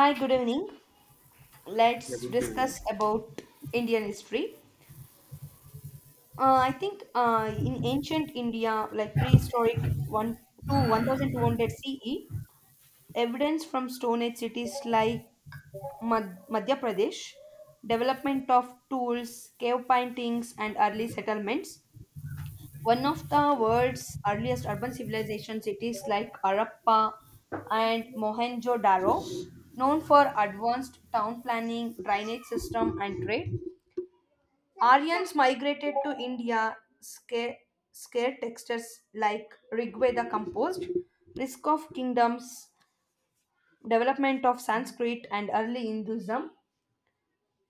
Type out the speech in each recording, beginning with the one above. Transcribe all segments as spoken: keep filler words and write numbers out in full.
Hi, good evening. Let's Yeah, discuss about Indian history. Uh, I think uh, in ancient India, like prehistoric one to one thousand two hundred C E, evidence from Stone Age cities like Mad- Madhya Pradesh, development of tools, cave paintings, and early settlements. One of the world's earliest urban civilization cities like Harappa and Mohenjo-daro, known for advanced town planning, drainage system and trade. Aryans migrated to India scare, scare textures like Rigveda composed, risk of kingdoms, development of Sanskrit and early Hinduism,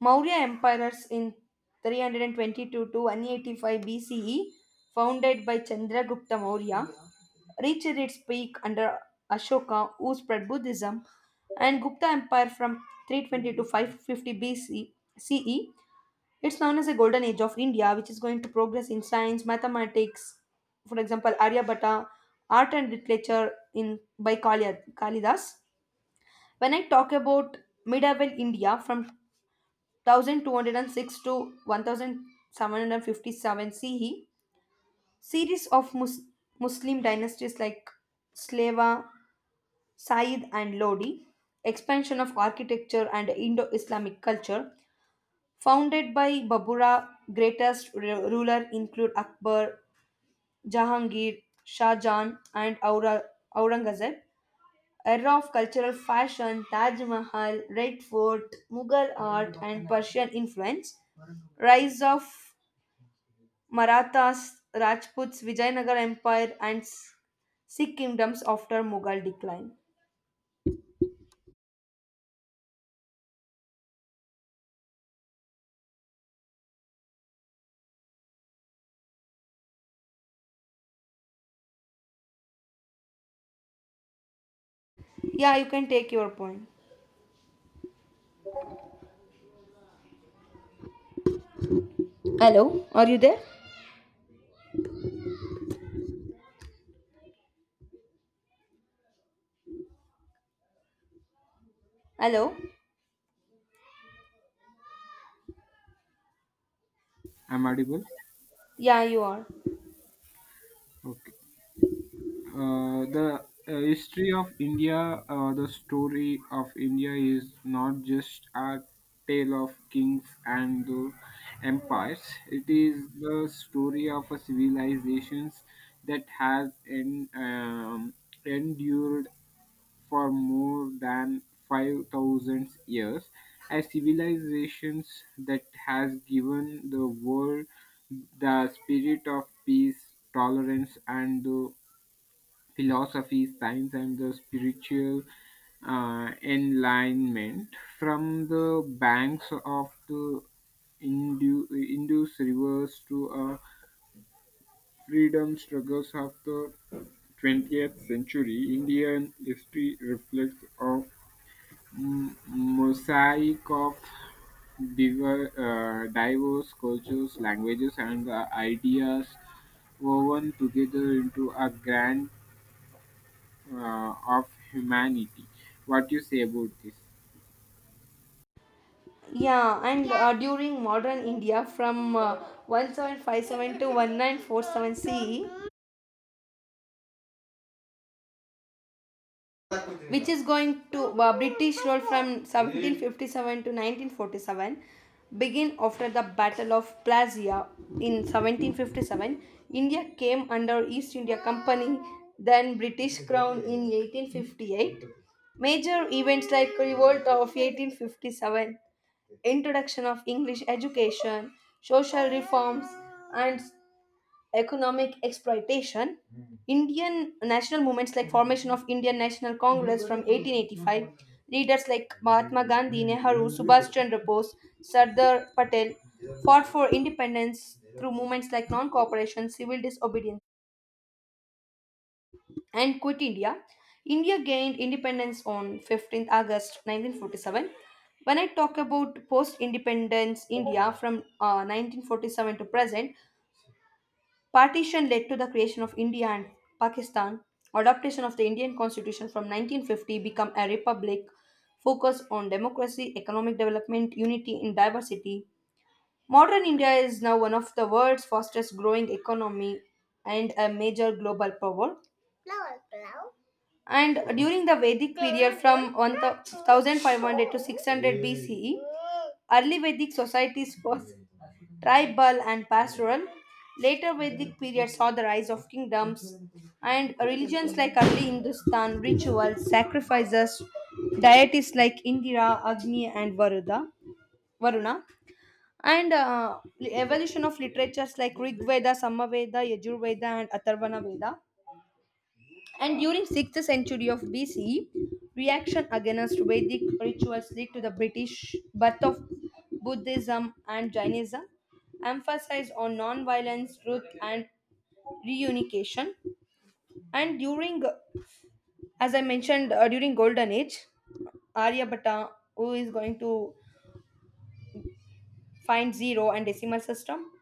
Maurya emperors in three twenty-two to one eighty-five B C E founded by Chandragupta Maurya, reached its peak under Ashoka, who spread Buddhism, and Gupta Empire from three twenty to five fifty C C E. It's known as the Golden Age of India, which is going to progress in science, mathematics, for example, Aryabhatta, art and literature in by Kali, Kalidas. When I talk about medieval India from one thousand two hundred six to seventeen fifty-seven C E, series of Mus- Muslim dynasties like Slava, Said and Lodi, expansion of architecture and Indo Islamic culture, founded by Babura, greatest ru- ruler include Akbar, Jahangir, Shah Jahan, and Aura- Aurangzeb. Era of cultural fashion, Taj Mahal, Red Fort, Mughal art, and Persian influence. Rise of Marathas, Rajputs, Vijayanagar Empire, and S- Sikh kingdoms after Mughal decline. Yeah, you can take your point. Hello, are you there? Hello? I'm audible. Yeah, you are. Okay. Uh, the uh, history of India, uh, the story of India is not just a tale of kings and the empires. It is the story of a civilizations that has en- um, endured for more than five thousand years, as civilizations that has given the world the spirit of peace tolerance and the philosophy science and the spiritual uh, enlightenment from the banks of the Indu- Indus rivers to uh, freedom struggles of the twentieth century. Indian history reflects of m- mosaic of diver, uh, diverse cultures, languages, and uh, ideas woven together into a grand uh, of humanity. What you say about this? Yeah, and uh, during modern India from uh, seventeen fifty-seven to nineteen forty-seven C E, which is going to uh, British rule from seventeen fifty-seven to nineteen forty-seven begin after the Battle of Plasia in seventeen fifty-seven. India came under East India Company, then British Crown in eighteen fifty-eight. Major events like Revolt of eighteen fifty-seven, introduction of English education, social reforms, and economic exploitation. Indian national movements like formation of Indian National Congress from eighteen eighty-five, leaders like Mahatma Gandhi, Nehru, Subhash Chandra Bose, Sardar Patel fought for independence through movements like non-cooperation, civil disobedience, and Quit India. India gained independence on fifteenth August nineteen forty-seven. When I talk about post independence India from uh, nineteen forty-seven to present, Partition led to the creation of India and Pakistan. Adoption of the Indian constitution from nineteen fifty became a republic focused on democracy, economic development, unity in diversity. Modern India is now one of the world's fastest growing economy and a major global power. And during the Vedic period from one thousand five hundred to six hundred B C E, early Vedic societies was tribal and pastoral. Later Vedic period saw the rise of kingdoms and religions like early Hindustan, rituals, sacrifices, deities like Indira, Agni, and Varuda, Varuna, and uh, evolution of literatures like Rig Veda, Samaveda, Yajur Veda, and Atharvana Veda. And during sixth century of B C, reaction against Vedic rituals led to the British birth of Buddhism and Jainism, emphasized on non-violence, truth, and reunification. And during, as I mentioned, uh, during Golden Age, Aryabhatta, who is going to find zero and decimal system,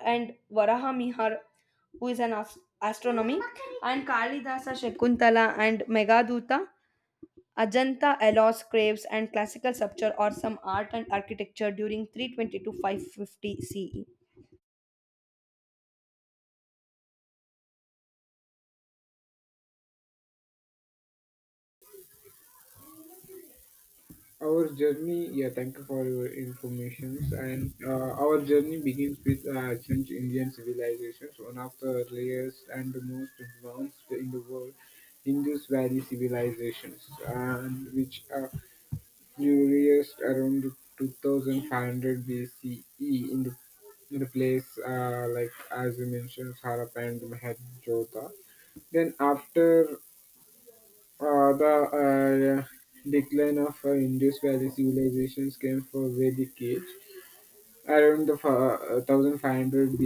and Varaha Mihar, who is an ast- astronomy, and Kalidasa Shakuntala and Megaduta, Ajanta allows caves and classical sculpture or some art and architecture during three twenty to five fifty C E. Our journey, yeah, thank you for your informations. And uh, Our journey begins with uh, ancient Indian civilizations, one of the earliest and the most advanced in the world, Indus Valley civilizations, and which uh, nourished around two thousand five hundred B C E in the, in the place uh, like as you mentioned Harappa and Mohenjo-daro. Then after uh, the uh, decline of uh, Indus Valley civilizations came for Vedic age, around the fa- one thousand five hundred